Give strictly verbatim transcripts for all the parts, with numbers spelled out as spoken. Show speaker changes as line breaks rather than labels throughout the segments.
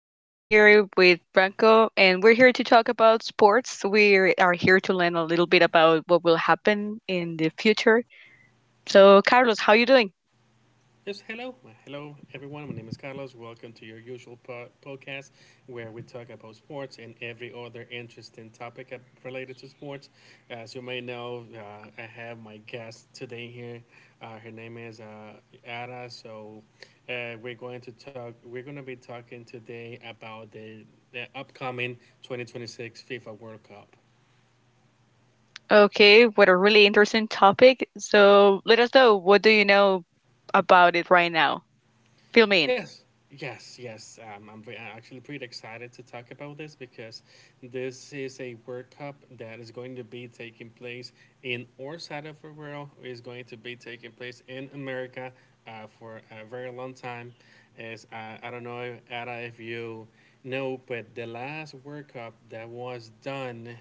and I'm here with Franco, and we're here to talk about sports. We are here to learn a little bit about what will happen in the future. So, Carlos, how you doing?
Yes, hello. Uh, Hello, everyone. My name is Carlos. Welcome to your usual po- podcast, where we talk about sports and every other interesting topic uh, related to sports. As you may know, uh, I have my guest today here. Uh, her name is uh, Ada. So uh, we're going to talk, we're going to be talking today about the, the upcoming twenty twenty-six FIFA World Cup.
Okay, what a really interesting topic. So, let us know, what do you know about it right now? Fill me in.
Yes, yes, yes. Um, I'm ve- I'm actually pretty excited to talk about this, because this is a World Cup that is going to be taking place in our side of the world. Is going to be taking place in America, uh, for a very long time. As uh, I don't know, Ada, if you know, but the last World Cup that was done,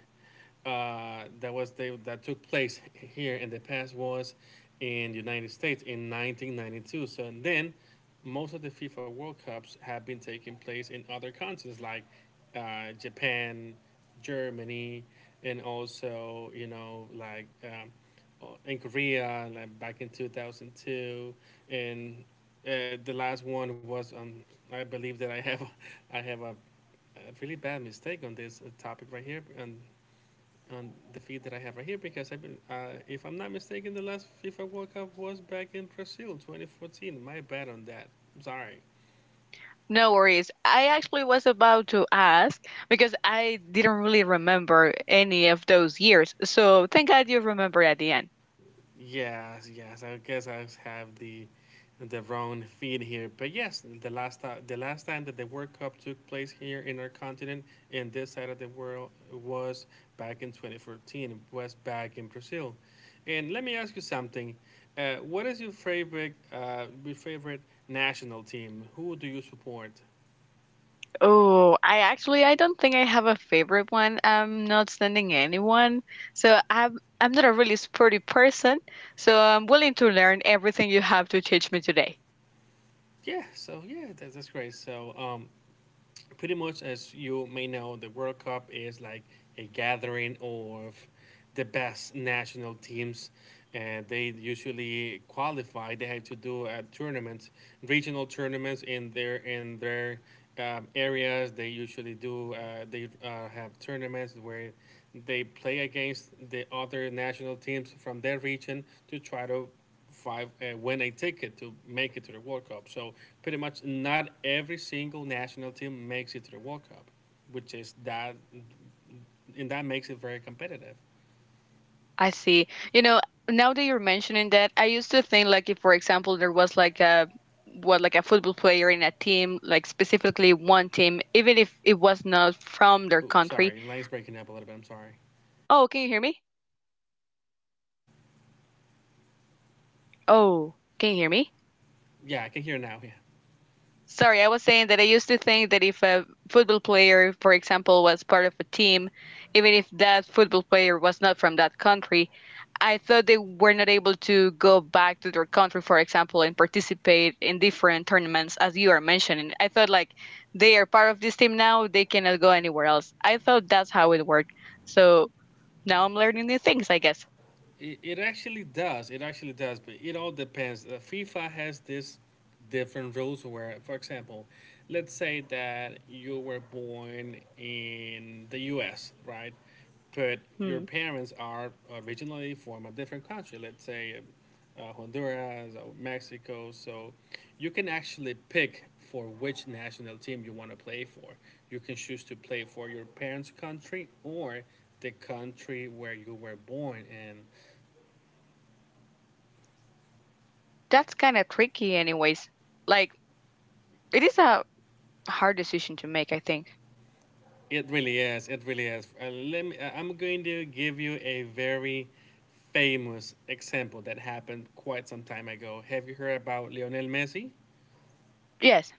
uh, that was they, that took place here in the past, was in the United States in nineteen ninety-two. So, and then most of the FIFA World Cups have been taking place in other continents, like, uh, Japan, Germany, and also, you know, like, um, uh, in Korea, like back in two thousand two and. Uh, the last one was, um, I believe that I have I have a, a really bad mistake on this uh, topic right here, and on the feed that I have right here, because, I, be- uh, if I'm not mistaken, the last FIFA World Cup was back in Brazil, twenty fourteen. My bad on that. I'm sorry.
No worries. I actually was about to ask because I didn't really remember any of those years. So, thank God you remember at the end.
Yes, yes. I guess I have the the wrong feed here, but yes, the last ti- the last time that the World Cup took place here in our continent, in this side of the world, was back in twenty fourteen. Was back in Brazil. And let me ask you something. Uh, what is your favorite, uh, your favorite national team? Who do you support?
Oh, I actually I don't think I have a favorite one. I'm not sending anyone. So I'm I'm not a really sporty person, so I'm willing to learn everything you have to teach me today.
Yeah, so yeah, that, that's great. So, um, pretty much, as you may know, the World Cup is like a gathering of the best national teams, and they usually qualify. They have to do a tournament, regional tournaments in their in their um, areas. They usually do. Uh, they uh, have tournaments where they play against the other national teams from their region, to try to five uh, win a ticket to make it to the World Cup. So, pretty much, not every single national team makes it to the World Cup, which is that, and that makes it very competitive.
I see. You know, now that you're mentioning that, I used to think like if for example there was like a what like a football player in a team, like specifically one team, even if it was not from their
Oops,
country.
sorry, line's breaking up a little bit. I'm sorry.
Oh, can you hear me? Oh, can you hear me?
Yeah, I can hear now. Yeah.
Sorry, I was saying that I used to think that if a football player, for example, was part of a team, even if that football player was not from that country, I thought they were not able to go back to their country, for example, and participate in different tournaments, as you are mentioning. I thought like they are part of this team now, they cannot go anywhere else. I thought that's how it worked. So now I'm learning new things, I guess.
It, it actually does. It actually does. But it all depends. Uh, FIFA has this different rules where, for example, let's say that you were born in the U S, right? But your
Hmm.
parents are originally from a different country. Let's say, uh, Honduras or Mexico. So you can actually pick for which national team you want to play for. You can choose to play for your parents' country, or the country where you were born in.
That's kind of tricky, anyways. Like, it is a hard decision to make, I think.
It really is. It really is. Uh, let me, uh, I'm going to give you a very famous example that happened quite some time ago. Have you heard about Lionel Messi?
Yes.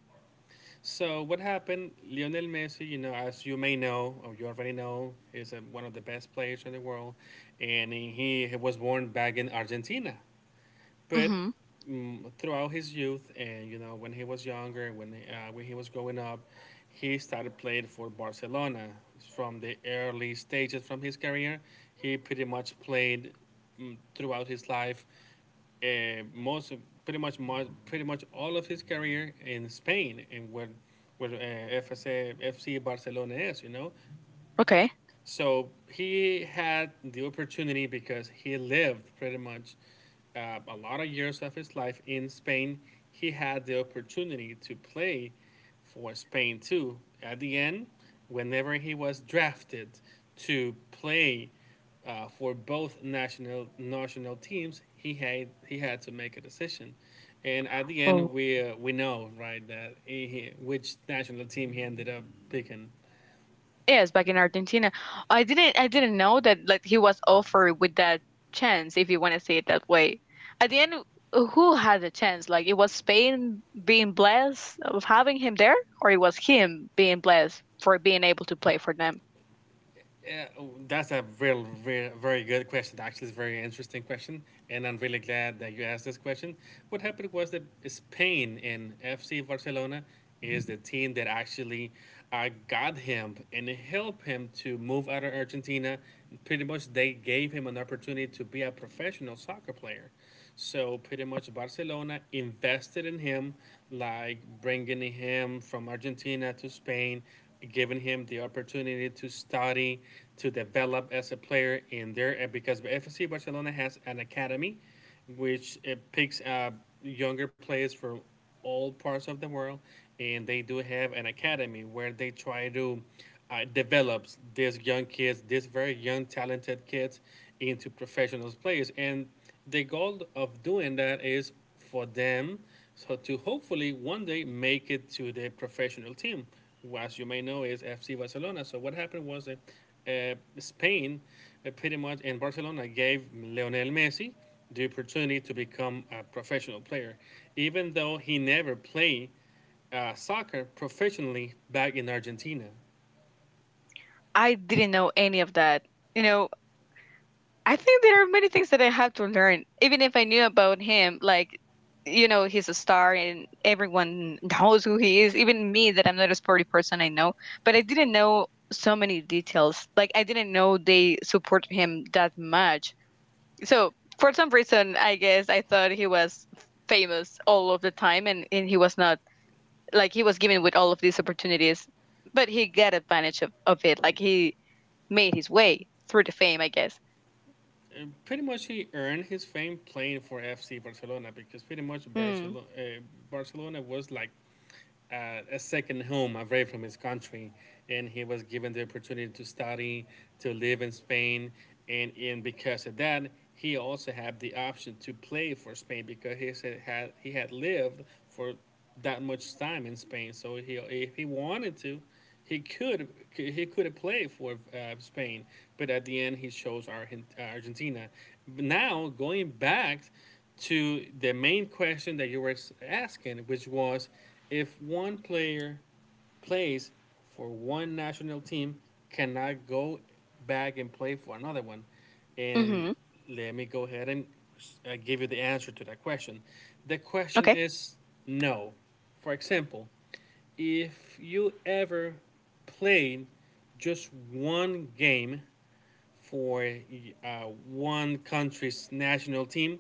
So what happened? Lionel Messi, you know, as you may know, or you already know, is uh, one of the best players in the world, and he he was born back in Argentina, but mm, throughout his youth, and, you know, when he was younger, when uh, when he was growing up, he started playing for Barcelona. From the early stages from his career, he pretty much played, mm, throughout his life, uh, most pretty much much pretty much all of his career in Spain, and where where uh, F C Barcelona is, you know.
Okay.
So he had the opportunity, because he lived pretty much, uh, a lot of years of his life in Spain. He had the opportunity to play for Spain too. At the end, whenever he was drafted to play, uh, for both national national teams, he had he had to make a decision. And at the end, we
Oh.
uh, we know, right, that he, which national team he ended up picking.
Yes, back in Argentina. I didn't I didn't know that like he was offered with that chance, if you want to say it that way. At the end, who had the chance? Like, it was Spain being blessed of having him there, or it was him being blessed for being able to play for them.
Yeah, oh, that's a real, very, very good question. Actually, it's a very interesting question, and I'm really glad that you asked this question. What happened was that Spain and F C Barcelona is the team that actually, uh, got him and helped him to move out of Argentina. Pretty much, they gave him an opportunity to be a professional soccer player. So, pretty much, Barcelona invested in him, like bringing him from Argentina to Spain, giving him the opportunity to study, to develop as a player in there. And because F C Barcelona has an academy, which it picks up younger players from all parts of the world, and they do have an academy where they try to, uh, develops these young kids, these very young talented kids, into professional players. And the goal of doing that is for them, so to hopefully one day make it to the professional team, as you may know, is FC Barcelona. So what happened was that, uh, Spain, uh, pretty much, in Barcelona, gave Lionel Messi the opportunity to become a professional player, even though he never played, uh, soccer professionally back in Argentina.
I didn't know any of that. You know, I think there are many things that I have to learn, even if I knew about him. Like, you know, he's a star and everyone knows who he is, even me, that I'm not a sporty person, I know. But I didn't know so many details. Like, I didn't know they supported him that much. So, for some reason, I guess I thought he was f- famous all of the time and, and he was not, like, he was given with all of these opportunities. But he got advantage of, of it. Like, he made his way through the fame, I guess.
Uh, pretty much, he earned his fame playing for F C Barcelona, because, pretty much,
Mm.
Barcelona, uh, Barcelona was like uh, a second home away from his country, and he was given the opportunity to study, to live in Spain, and and because of that, he also had the option to play for Spain, because he said had he had lived for that much time in Spain. So, he, if he wanted to, he could he could have played for, uh, Spain, but at the end he chose Argentina. Now, going back to the main question that you were asking, which was if one player plays for one national team cannot go back and play for another one.
Hmm.
And
Mm-hmm.
let me go ahead and, uh, give you the answer to that question. The question
Okay.
is no. For example, if you ever played just one game for, uh, one country's national team,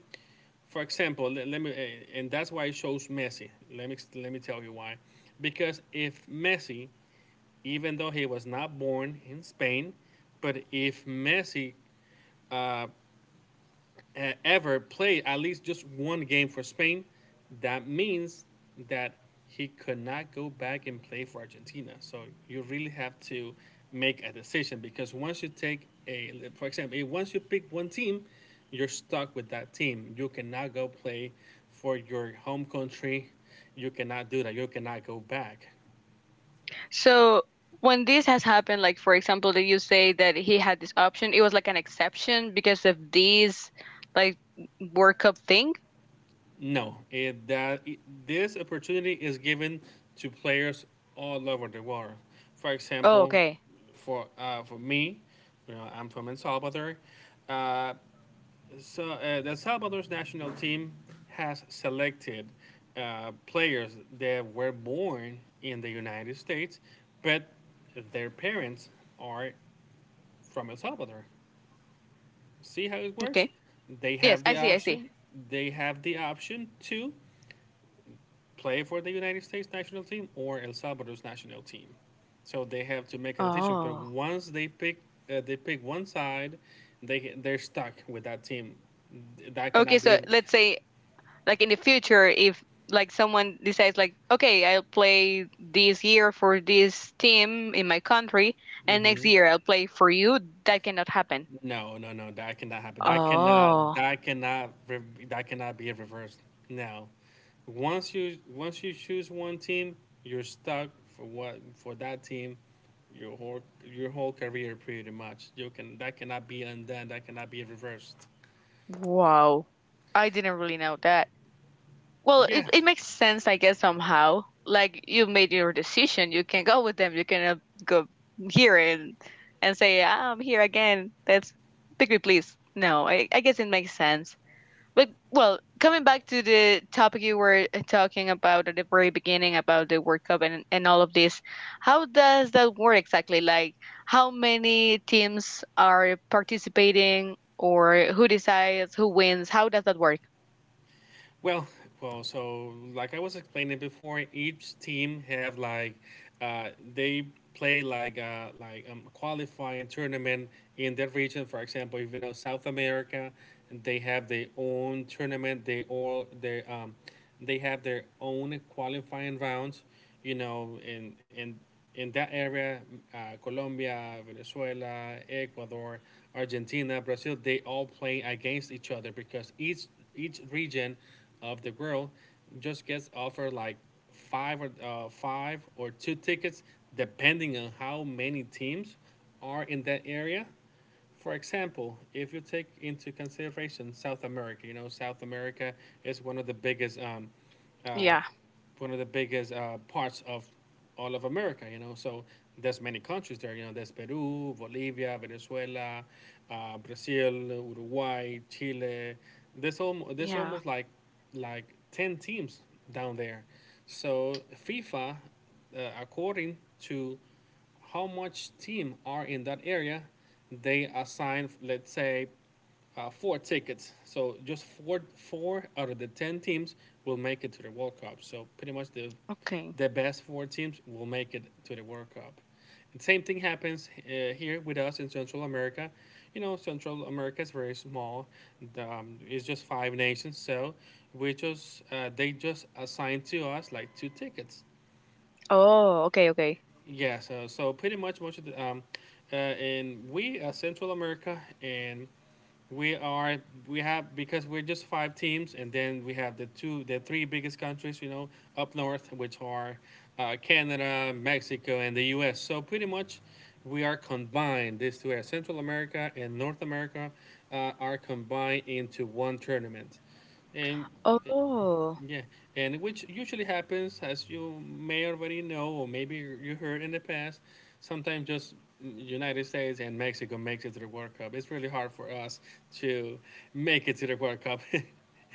for example, let, let me, uh, and that's why I chose Messi. Let me let me tell you why. Because if Messi, even though he was not born in Spain. But if Messi, uh, e- ever played at least just one game for Spain, that means that he could not go back and play for Argentina. So you really have to make a decision, because once you take a, for example, eh, once you pick one team, you're stuck with that team. You cannot go play for your home country. You cannot do that. You cannot go back.
So when this has happened, like for example, that you say that he had this option, it was like an exception because of this like World Cup thing.
No, it, that it- this opportunity is given to players all over the world. For
Oh,
example,
okay.
for uh, for me, you know, I'm from El Salvador. Uh, so uh, the Salvador's national team has selected, uh, players that were born in the United States, but their parents are from El Salvador. See how it works?
Okay.
They
Yes,
have
I
the
see. I see.
option. They have the option to play for the United States national team or El Salvador's national team. So they have to make a decision. But
Oh.
once they pick, uh, they pick one side, they they're stuck with that team. That
Okay.
cannot be.
So let's say like in the future, if like someone decides like, okay, I'll play this year for this team in my country, and next
hmm
year I'll play for you, that cannot happen.
No, no, no. That cannot happen. That cannot.
Oh.
That cannot. re- That cannot be reversed. No. Once you once you choose one team, you're stuck for what for that team. Your whole your whole career, pretty much. You can That cannot be undone. That cannot be reversed.
Wow. I didn't really know that. Well, it,
Yeah.
it makes sense, I guess, somehow. Like you made your decision, you can go with them. You can uh, go here and and say, "Ah, I'm here again. That's pick me, please." No, I, I guess it makes sense. But well, coming back to the topic you were uh, talking about at the very beginning about the World Cup and, and all of this, how does that work exactly? Like, how many teams are participating, or who decides who wins? How does that work?
Well, well. So, like I was explaining before, each team have, like, uh, they play like, uh, like, um, qualifying tournament in their region. For example, even out South America, they have their own tournament. They all their um, they have their own qualifying rounds, you know, in in in that area. uh, Colombia, Venezuela, Ecuador, Argentina, Brazil, they all play against each other, because each each region of the world just gets offered like five or uh, five or two tickets, depending on how many teams are in that area. For example, if you take into consideration South America, you know, South America is one of the biggest, um, uh,
Yeah,
one of the biggest uh, parts of all of America. You know, so there's many countries there. You know, there's Peru, Bolivia, Venezuela, uh, Brazil, Uruguay, Chile. There's almost there's
yeah,
almost like like ten teams down there. So FIFA, uh, according to how much team are in that area, they assign, let's say, uh, four tickets. So just four four out of the ten teams will make it to the World Cup. So, pretty much, the
okay.
the best four teams will make it to the World Cup. And same thing happens, uh, here with us in Central America. You know, Central America is very small. The, um, it's just five nations, so we just uh, they just assigned to us like two tickets.
Oh, okay, okay.
Yeah, so so pretty much most of the um, uh, and we uh, Central America and we are we have because we're just five teams, and then we have the two the three biggest countries, you know, up north, which are uh, Canada, Mexico, and the U S. So pretty much, we are combined. These two, are Central America and North America, uh, are combined into one tournament, and
Oh,
yeah, and which usually happens, as you may already know, or maybe you heard in the past, sometimes just United States and Mexico makes it to the World Cup. It's really hard for us to make it to the World Cup.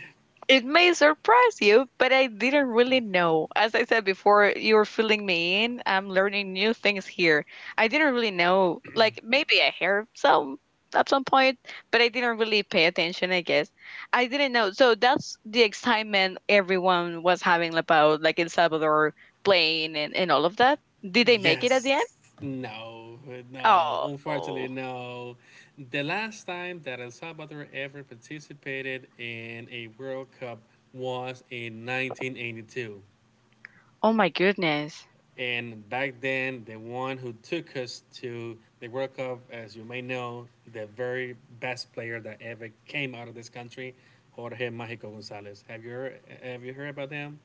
it may surprise you, but I didn't really know. As I said before, you're filling me in. I'm learning new things here. I didn't really know. Like maybe I heard some at some point, but I didn't really pay attention, I guess. I didn't know. So that's the excitement everyone was having about like El Salvador playing and, and all of that. Did they make it at the end?
Yes, no, no, unfortunately,
Oh,
no. The last time that El Salvador ever participated in a World Cup was in nineteen eighty-two.
oh my goodness.
And back then, the one who took us to the World Cup, as you may know, the very best player that ever came out of this country, Jorge Magico Gonzalez. Have you heard, have you heard about him?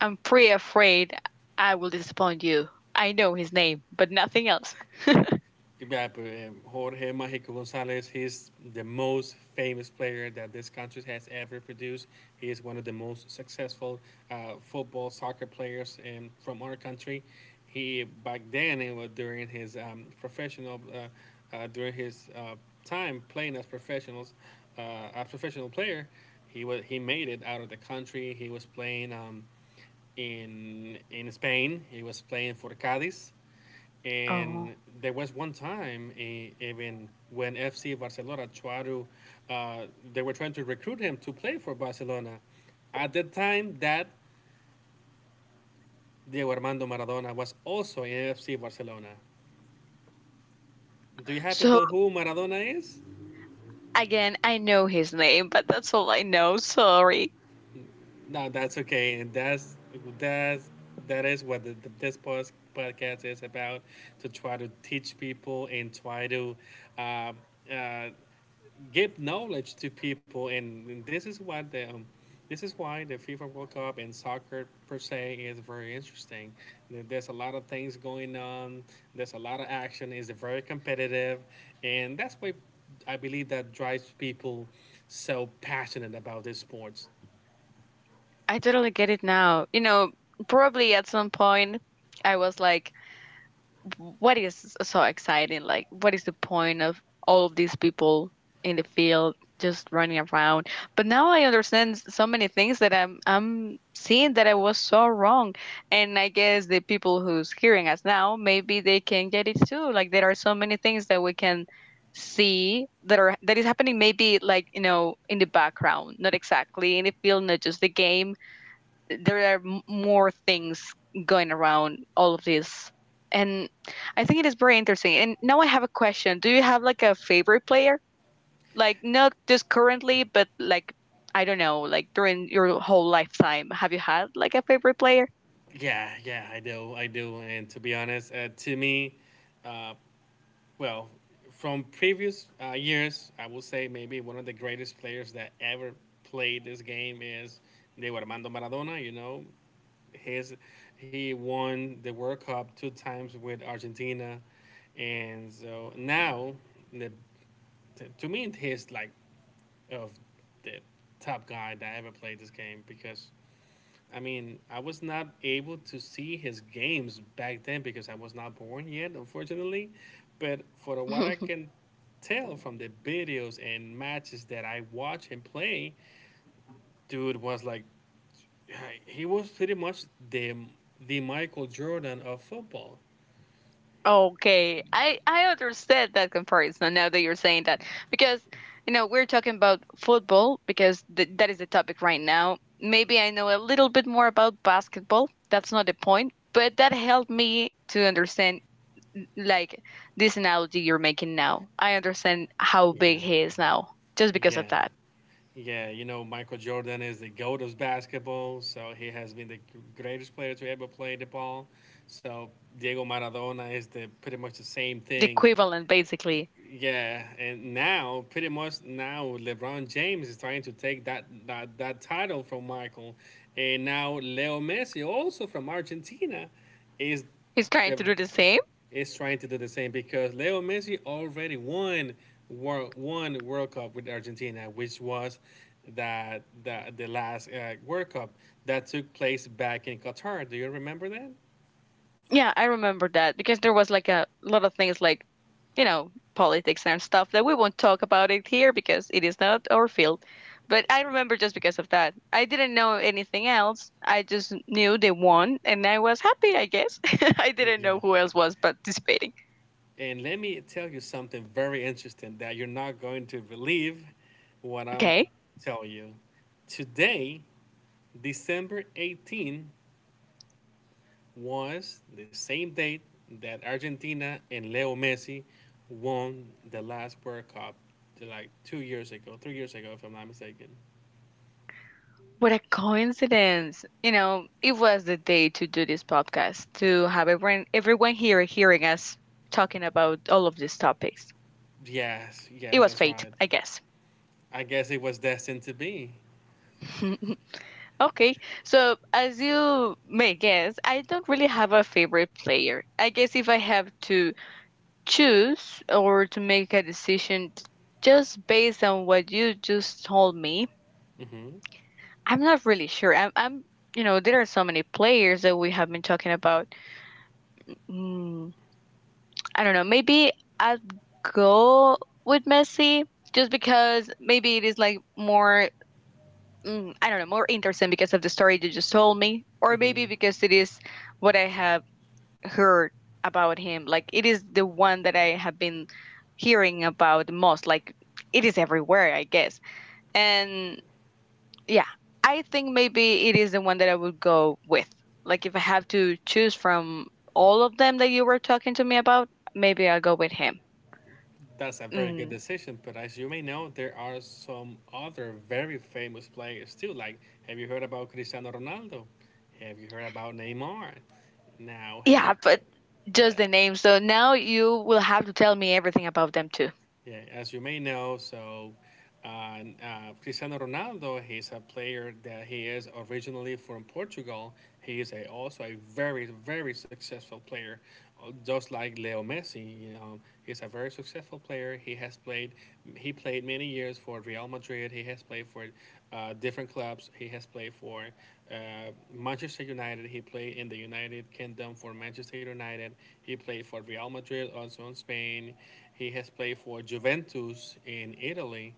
I'm pretty afraid I will disappoint you. I know his name, but nothing else.
Yeah, but, um, Jorge Magico Gonzalez, he's the most famous player that this country has ever produced. He is one of the most successful uh, football, soccer players um, from our country. He, back then, it was during his um, professional, uh, uh, during his uh, time playing as professionals, uh, a professional player, he was he made it out of the country. He was playing um, in in Spain. He was playing for Cadiz,
Oh.
and there was one time, eh, even when F C Barcelona tried to, uh, they were trying to recruit him to play for Barcelona, at the time that Diego Armando Maradona was also in F C Barcelona. Do you happen to know
So,
who Maradona is?
again, I know his name, but that's all I know. Sorry.
No, that's okay. And that's that's that is what the, the, this pos- podcast is about, to try to teach people and try to uh, uh, give knowledge to people, and, and this is what the um, this is why the FIFA World Cup and soccer per se is very interesting. There- There's a lot of things going on. There's a lot of action. It's very competitive, and that's why I believe that drives people so passionate about these sports.
I totally get it now. You know, probably at some point I was like, what is so exciting? Like, what is the point of all of these people in the field just running around? But now I understand s- so many things that I'm I'm seeing that I was so wrong, and I guess the people who's hearing us now maybe they can get it too. Like, there are so many things that we can see that are that is happening, maybe like, you know in the background, not exactly in the field, not just the game. There are m- more things going around all of this, and I think it is very interesting. And now I have a question. Do you have like a favorite player, like not just currently, but like, I don't know, like during your whole lifetime, have you had like a favorite player?
Yeah, yeah, I do, I do. And to be honest, uh, to me, uh, well, from previous uh, years, I would say maybe one of the greatest players that ever played this game is Diego Armando Maradona. You know, his he won the World Cup two times with Argentina, and so now the to me he's like of the top guy that ever played this game because I mean, I was not able to see his games back then because I was not born yet, unfortunately. But for what I can tell from the videos and matches that I watch him play, dude was like, he was pretty much the the Michael Jordan of football.
Okay, I I understand that comparison now that you're saying that, because you know we're talking about football because th that is the topic right now. Maybe I know a little bit more about basketball. That's not the point, but that helped me to understand like this analogy you're making now. I understand how big
Yeah,
he is now just because of
yeah,
that.
yeah. You know, Michael Jordan is the goat of basketball, so he has been the greatest player to ever play the ball. So Diego Maradona is the pretty much the same
The
thing.
equivalent, basically.
Yeah, and now pretty much now LeBron James is trying to take that that, that title from Michael, and now Leo Messi, also from Argentina, is
He's trying to do the same.
is trying to do the same, because Leo Messi already won world one World Cup with Argentina, which was that the the last uh, World Cup that took place back in Qatar. Do you remember that?
Yeah, I remember that because there was like a lot of things like, you know, politics and stuff that we won't talk about it here because it is not our field. But I remember just because of that. I didn't know anything else. I just knew they won and I was happy, I guess. I didn't
Yeah.
know who else was participating.
And let me tell you something very interesting that you're not going to believe what I'm
Okay.
telling you. Today, December eighteenth, was the same date that Argentina and Leo Messi won the last World Cup, like two years ago, three years ago, if I'm not mistaken.
What a coincidence. You know, it was the day to do this podcast, to have everyone everyone here hearing us talking about all of these topics.
Yes,
It
yes,
was
that's
fate,
right.
I guess.
I guess it was destined to be.
Okay, so as you may guess, I don't really have a favorite player. I guess if I have to choose or to make a decision t- just based on what you just told me,
Hmm,
I'm not really sure. I'm, I'm, you know, there are so many players that we have been talking about. Mm, I don't know. Maybe I'd go with Messi just because maybe it is like more, mm, I don't know, more interesting because of the story you just told me, or maybe
hmm.
because it is what I have heard about him. Like it is the one that I have been hearing about the most. Like it is everywhere, I guess. And yeah, I think maybe it is the one that I would go with. Like if I have to choose from all of them that you were talking to me about, maybe I'll go with him.
That's a very good
Mm,
decision, but as you may know, there are some other very famous players too. Like, have you heard about Cristiano Ronaldo? Have you heard about Neymar? Now, have
yeah,
you heard?
but just
Yeah,
the name. So now you will have to tell me everything about them too.
yeah. As you may know, so Uh, uh, Cristiano Ronaldo, he's a player that he is originally from Portugal. He is a, also a very, very successful player, Uh, just like Leo Messi. You know, he's a very successful player. He has played, he played many years for Real Madrid. He has played for uh, different clubs. He has played for uh, Manchester United. He played in the United Kingdom for Manchester United. He played for Real Madrid, also in Spain. He has played for Juventus in Italy,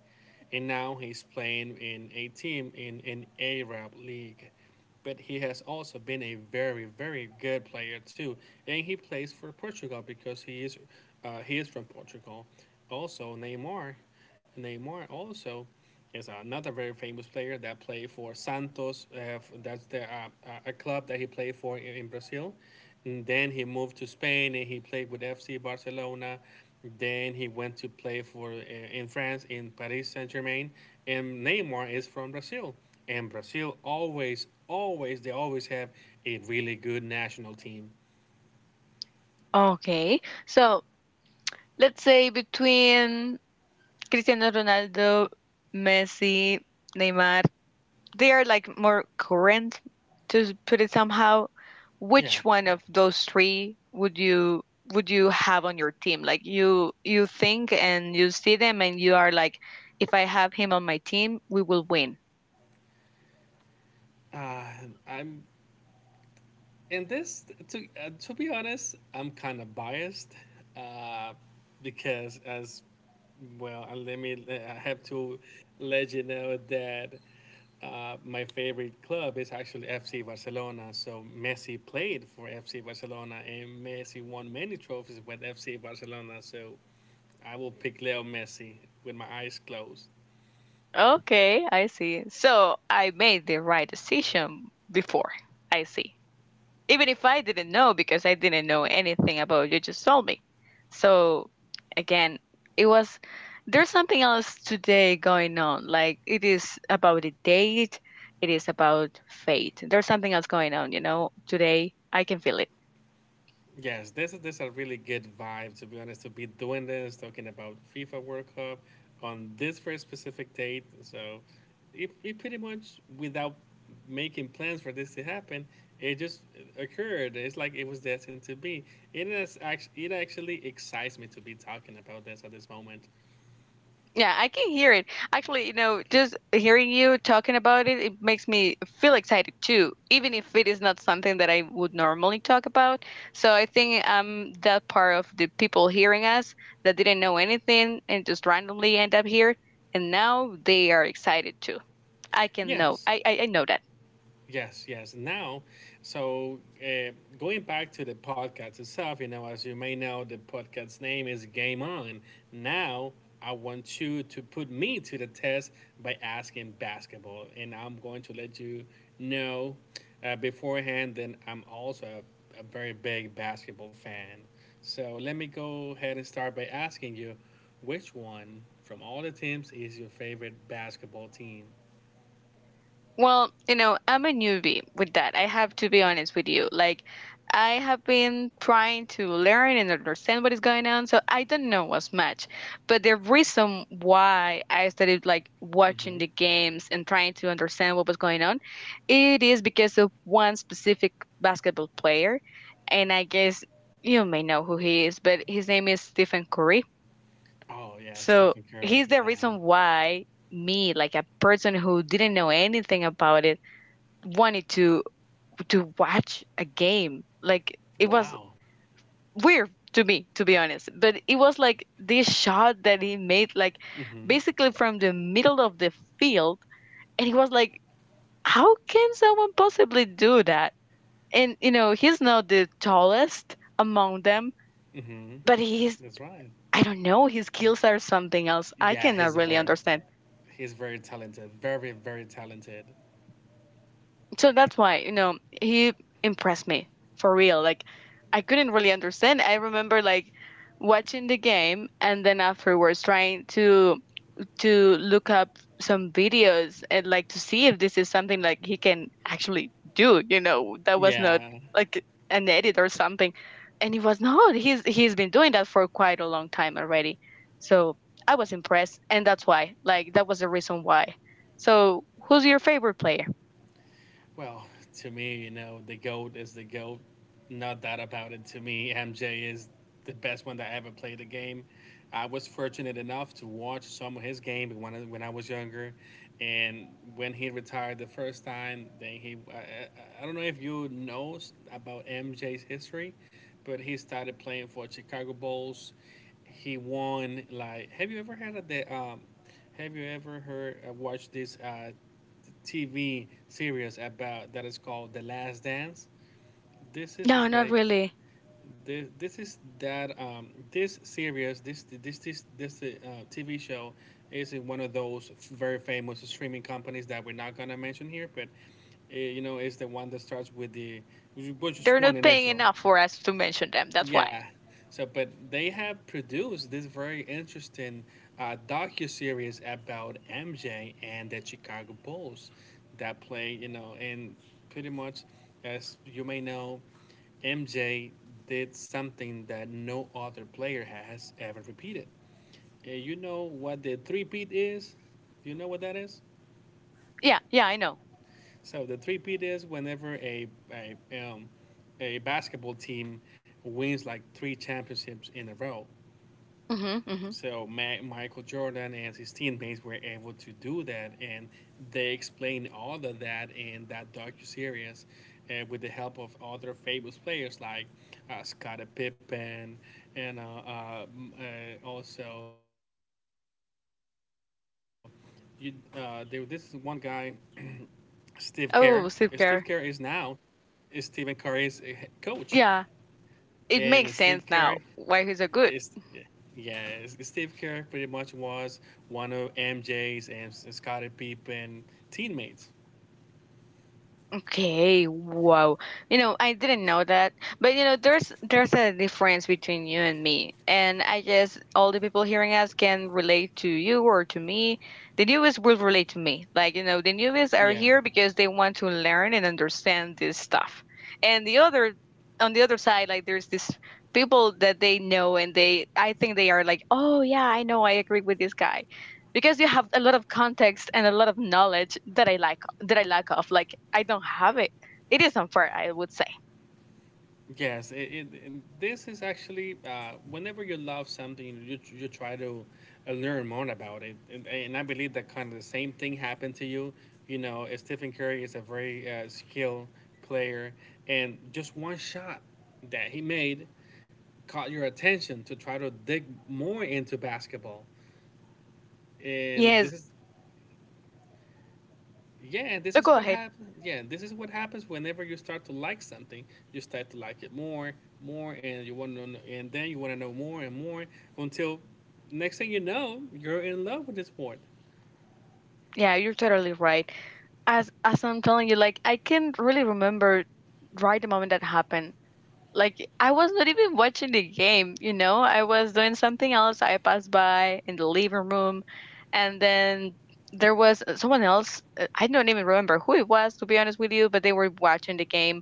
and now he's playing in a team in an Arab league. But he has also been a very, very good player too, and he plays for Portugal because he is, uh, he is from Portugal. Also, Neymar, Neymar also is another very famous player that played for Santos. Uh, that's the uh, uh, a club that he played for in, in Brazil. And then he moved to Spain and he played with F C Barcelona. Then he went to play for uh, in France in Paris Saint Germain. And Neymar is from Brazil. And Brazil always, always, they always have a really good national team.
Okay. So let's say between Cristiano Ronaldo, Messi, Neymar, they are like more current, to put it somehow. Which
Yeah,
one of those three would you would you have on your team? Like you you think and you see them and you are like, if I have him on my team, we will win.
uh, I'm And this, to uh, to be honest, I'm kind of biased uh, because as well, uh, let me I have to let you know that uh, my favorite club is actually F C Barcelona. So Messi played for F C Barcelona, and Messi won many trophies with F C Barcelona. So I will pick Leo Messi with my eyes closed.
Okay, I see. So I made the right decision before. I see. Even if I didn't know, because I didn't know anything about you just told me. So again, it was there's something else today going on. Like it is about the date, it is about fate. There's something else going on, you know, today. I can feel it.
Yes, this is this a really good vibe, to be honest. To be doing this, talking about FIFA World Cup on this very specific date, so it, it pretty much without making plans for this to happen, it just occurred. It's like it was destined to be. It is actually it actually excites me to be talking about this at this moment.
Yeah, I can hear it. Actually, you know, just hearing you talking about it, it makes me feel excited too, even if it is not something that I would normally talk about. So I think I'm that part of the people hearing us that didn't know anything and just randomly end up here, and now they are excited too. I can know.
Yes.
I I, I know that.
Yes, yes. Now, so uh, going back to the podcast itself, you know, as you may know, the podcast name is Game On. Now, I want you to put me to the test by asking basketball, and I'm going to let you know uh, beforehand that I'm also a, a very big basketball fan. So let me go ahead and start by asking you, which one from all the teams is your favorite basketball team?
Well, you know, I'm a newbie with that. I have to be honest with you. Like, I have been trying to learn and understand what is going on, so I don't know as much. But the reason why I started like watching
Mm-hmm.
the games and trying to understand what was going on, it is because of one specific basketball player, and I guess you may know who he is, but his name is Stephen Curry.
Oh, yeah,
So
Stephen Curry,
he's the
yeah.
reason why me, like a person who didn't know anything about it, wanted to to watch a game. Like it was
Wow.
weird to me, to be honest. But it was like this shot that he made, like
Mhm,
basically from the middle of the field, and he was like, "How can someone possibly do that?" And you know, he's not the tallest among them,
mhm.
but he's,
That's right.
I don't know, his skills are something else. I
Yeah,
cannot
he's a
really
very
understand.
he's very talented, very, very talented.
So that's why, you know, he impressed me for real. Like, I couldn't really understand. I remember like watching the game and then afterwards trying to to look up some videos and like to see if this is something like he can actually do, you know, that was not
Yeah.
like an edit or something. And he was not, he's he's been doing that for quite a long time already. So I was impressed, and that's why, like, that was the reason why. So who's your favorite player?
Well, to me, you know, the GOAT is the GOAT. No doubt about it. To me, M J is the best one that ever played the game. I was fortunate enough to watch some of his game when I, when I was younger, and when he retired the first time, then he. I, I, don't know if you know about M J's history, but he started playing for Chicago Bulls. He won like. Have you ever had a the um, Have you ever heard uh, watched this uh, T V series about that is called The Last Dance. This is
No,
is
not
like
really.
this. This is that um, This series. This this this this uh, T V show is in one of those very famous streaming companies that we're not gonna mention here, but uh, you know, it's the one that starts with the which is
They're
one
not paying
initial.
enough for us to mention them. That's why.
Yeah. So, but they have produced this very interesting uh, docu series about M J and the Chicago Bulls that play, you know, and pretty much, as you may know, M J did something that no other player has ever repeated. Uh, you know what the three-peat is? Do you know what that is?
Yeah, yeah, I know.
So the three-peat is whenever a, a um, a basketball team wins like three championships in a row.
Hmm. Hmm.
So Ma- Michael Jordan and his teammates were able to do that, and they explain all of that in that docuseries uh, with the help of other famous players like uh, Scottie Pippen and uh, uh, m- uh, also you, uh, there, this is one guy, Steve Kerr. Uh, Steve Kerr is now
Oh, Sip there.
Stephen Curry's uh, he- coach,
Yeah,
and
it
Steve
makes
Kerr
sense now why he's so
It's
good.
yeah, it's, it's Steve Kerr pretty much was one of M J's and S- Scottie Pippen teammates.
Okay, wow. You know, I didn't know that. But you know, there's there's a difference between you and me. And I guess all the people hearing us can relate to you or to me. The newbies will relate to me. Like, you know, the newbies are
Yeah,
here because they want to learn and understand this stuff. And the other on the other side, like there's this people that they know and they, I think they are like, "Oh yeah, I know. I agree with this guy." Because you have a lot of context and a lot of knowledge that I, like, that I lack of. Like I don't have it. It is unfair, I would say.
yes. It, it, it- this is actually uh, whenever you love something, you you try to uh, learn more about it, and, and I believe that kind of the same thing happened to you. You know, uh, Stephen Curry is a very uh, skilled player, and just one shot that he made caught your attention to try to dig more into basketball. And
Yes,
this is Yeah, this
but
is
go
what
ahead.
happens. Yeah, this is what happens whenever you start to like something. You start to like it more, more, and you want to, know, and then you want to know more and more until, next thing you know, you're in love with the sport.
Yeah, you're totally right. As as I'm telling you, like I can't really remember right the moment that happened. Like I was not even watching the game, you know? I was doing something else. I passed by in the living room and then there was someone else. uh, I don't even remember who it was, to be honest with you, but they were watching the game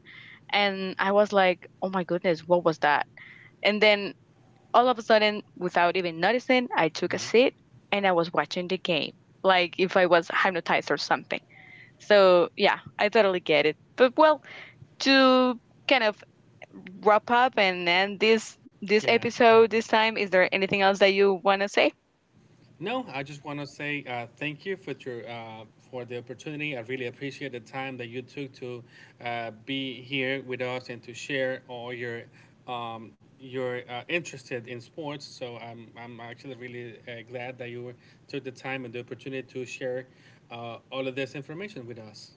and I was like, "Oh my goodness, what was that?" And then all of a sudden, without even noticing, I took a
Mhm.
seat and I was watching the game, like if I was hypnotized or something. So, yeah, I totally get it. But well, to kind of wrap up and end this this
Yeah.
episode this time, is there anything else that you want to say?
No, I just want to say uh, thank you for your uh, for the opportunity. I really appreciate the time that you took to uh, be here with us and to share all your um, your uh, interested in sports. So I'm I'm actually really uh, glad that you took the time and the opportunity to share uh, all of this information with us.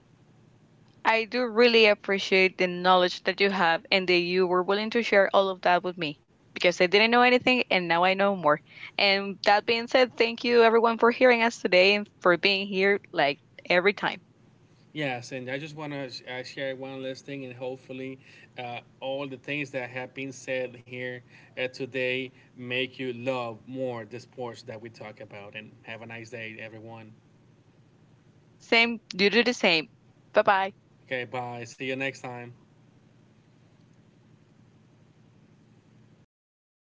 I do really appreciate the knowledge that you have and that you were willing to share all of that with me because I didn't know anything and now I know more. And that being said, thank you everyone for hearing us today and for being here like every time.
Yes, and I just want to sh- uh, share one last thing, and hopefully, uh, all the things that have been said here uh, today make you love more the sports that we talk about. And have a nice day, everyone.
Same, you do the same. Bye bye.
Okay, bye. See you next time.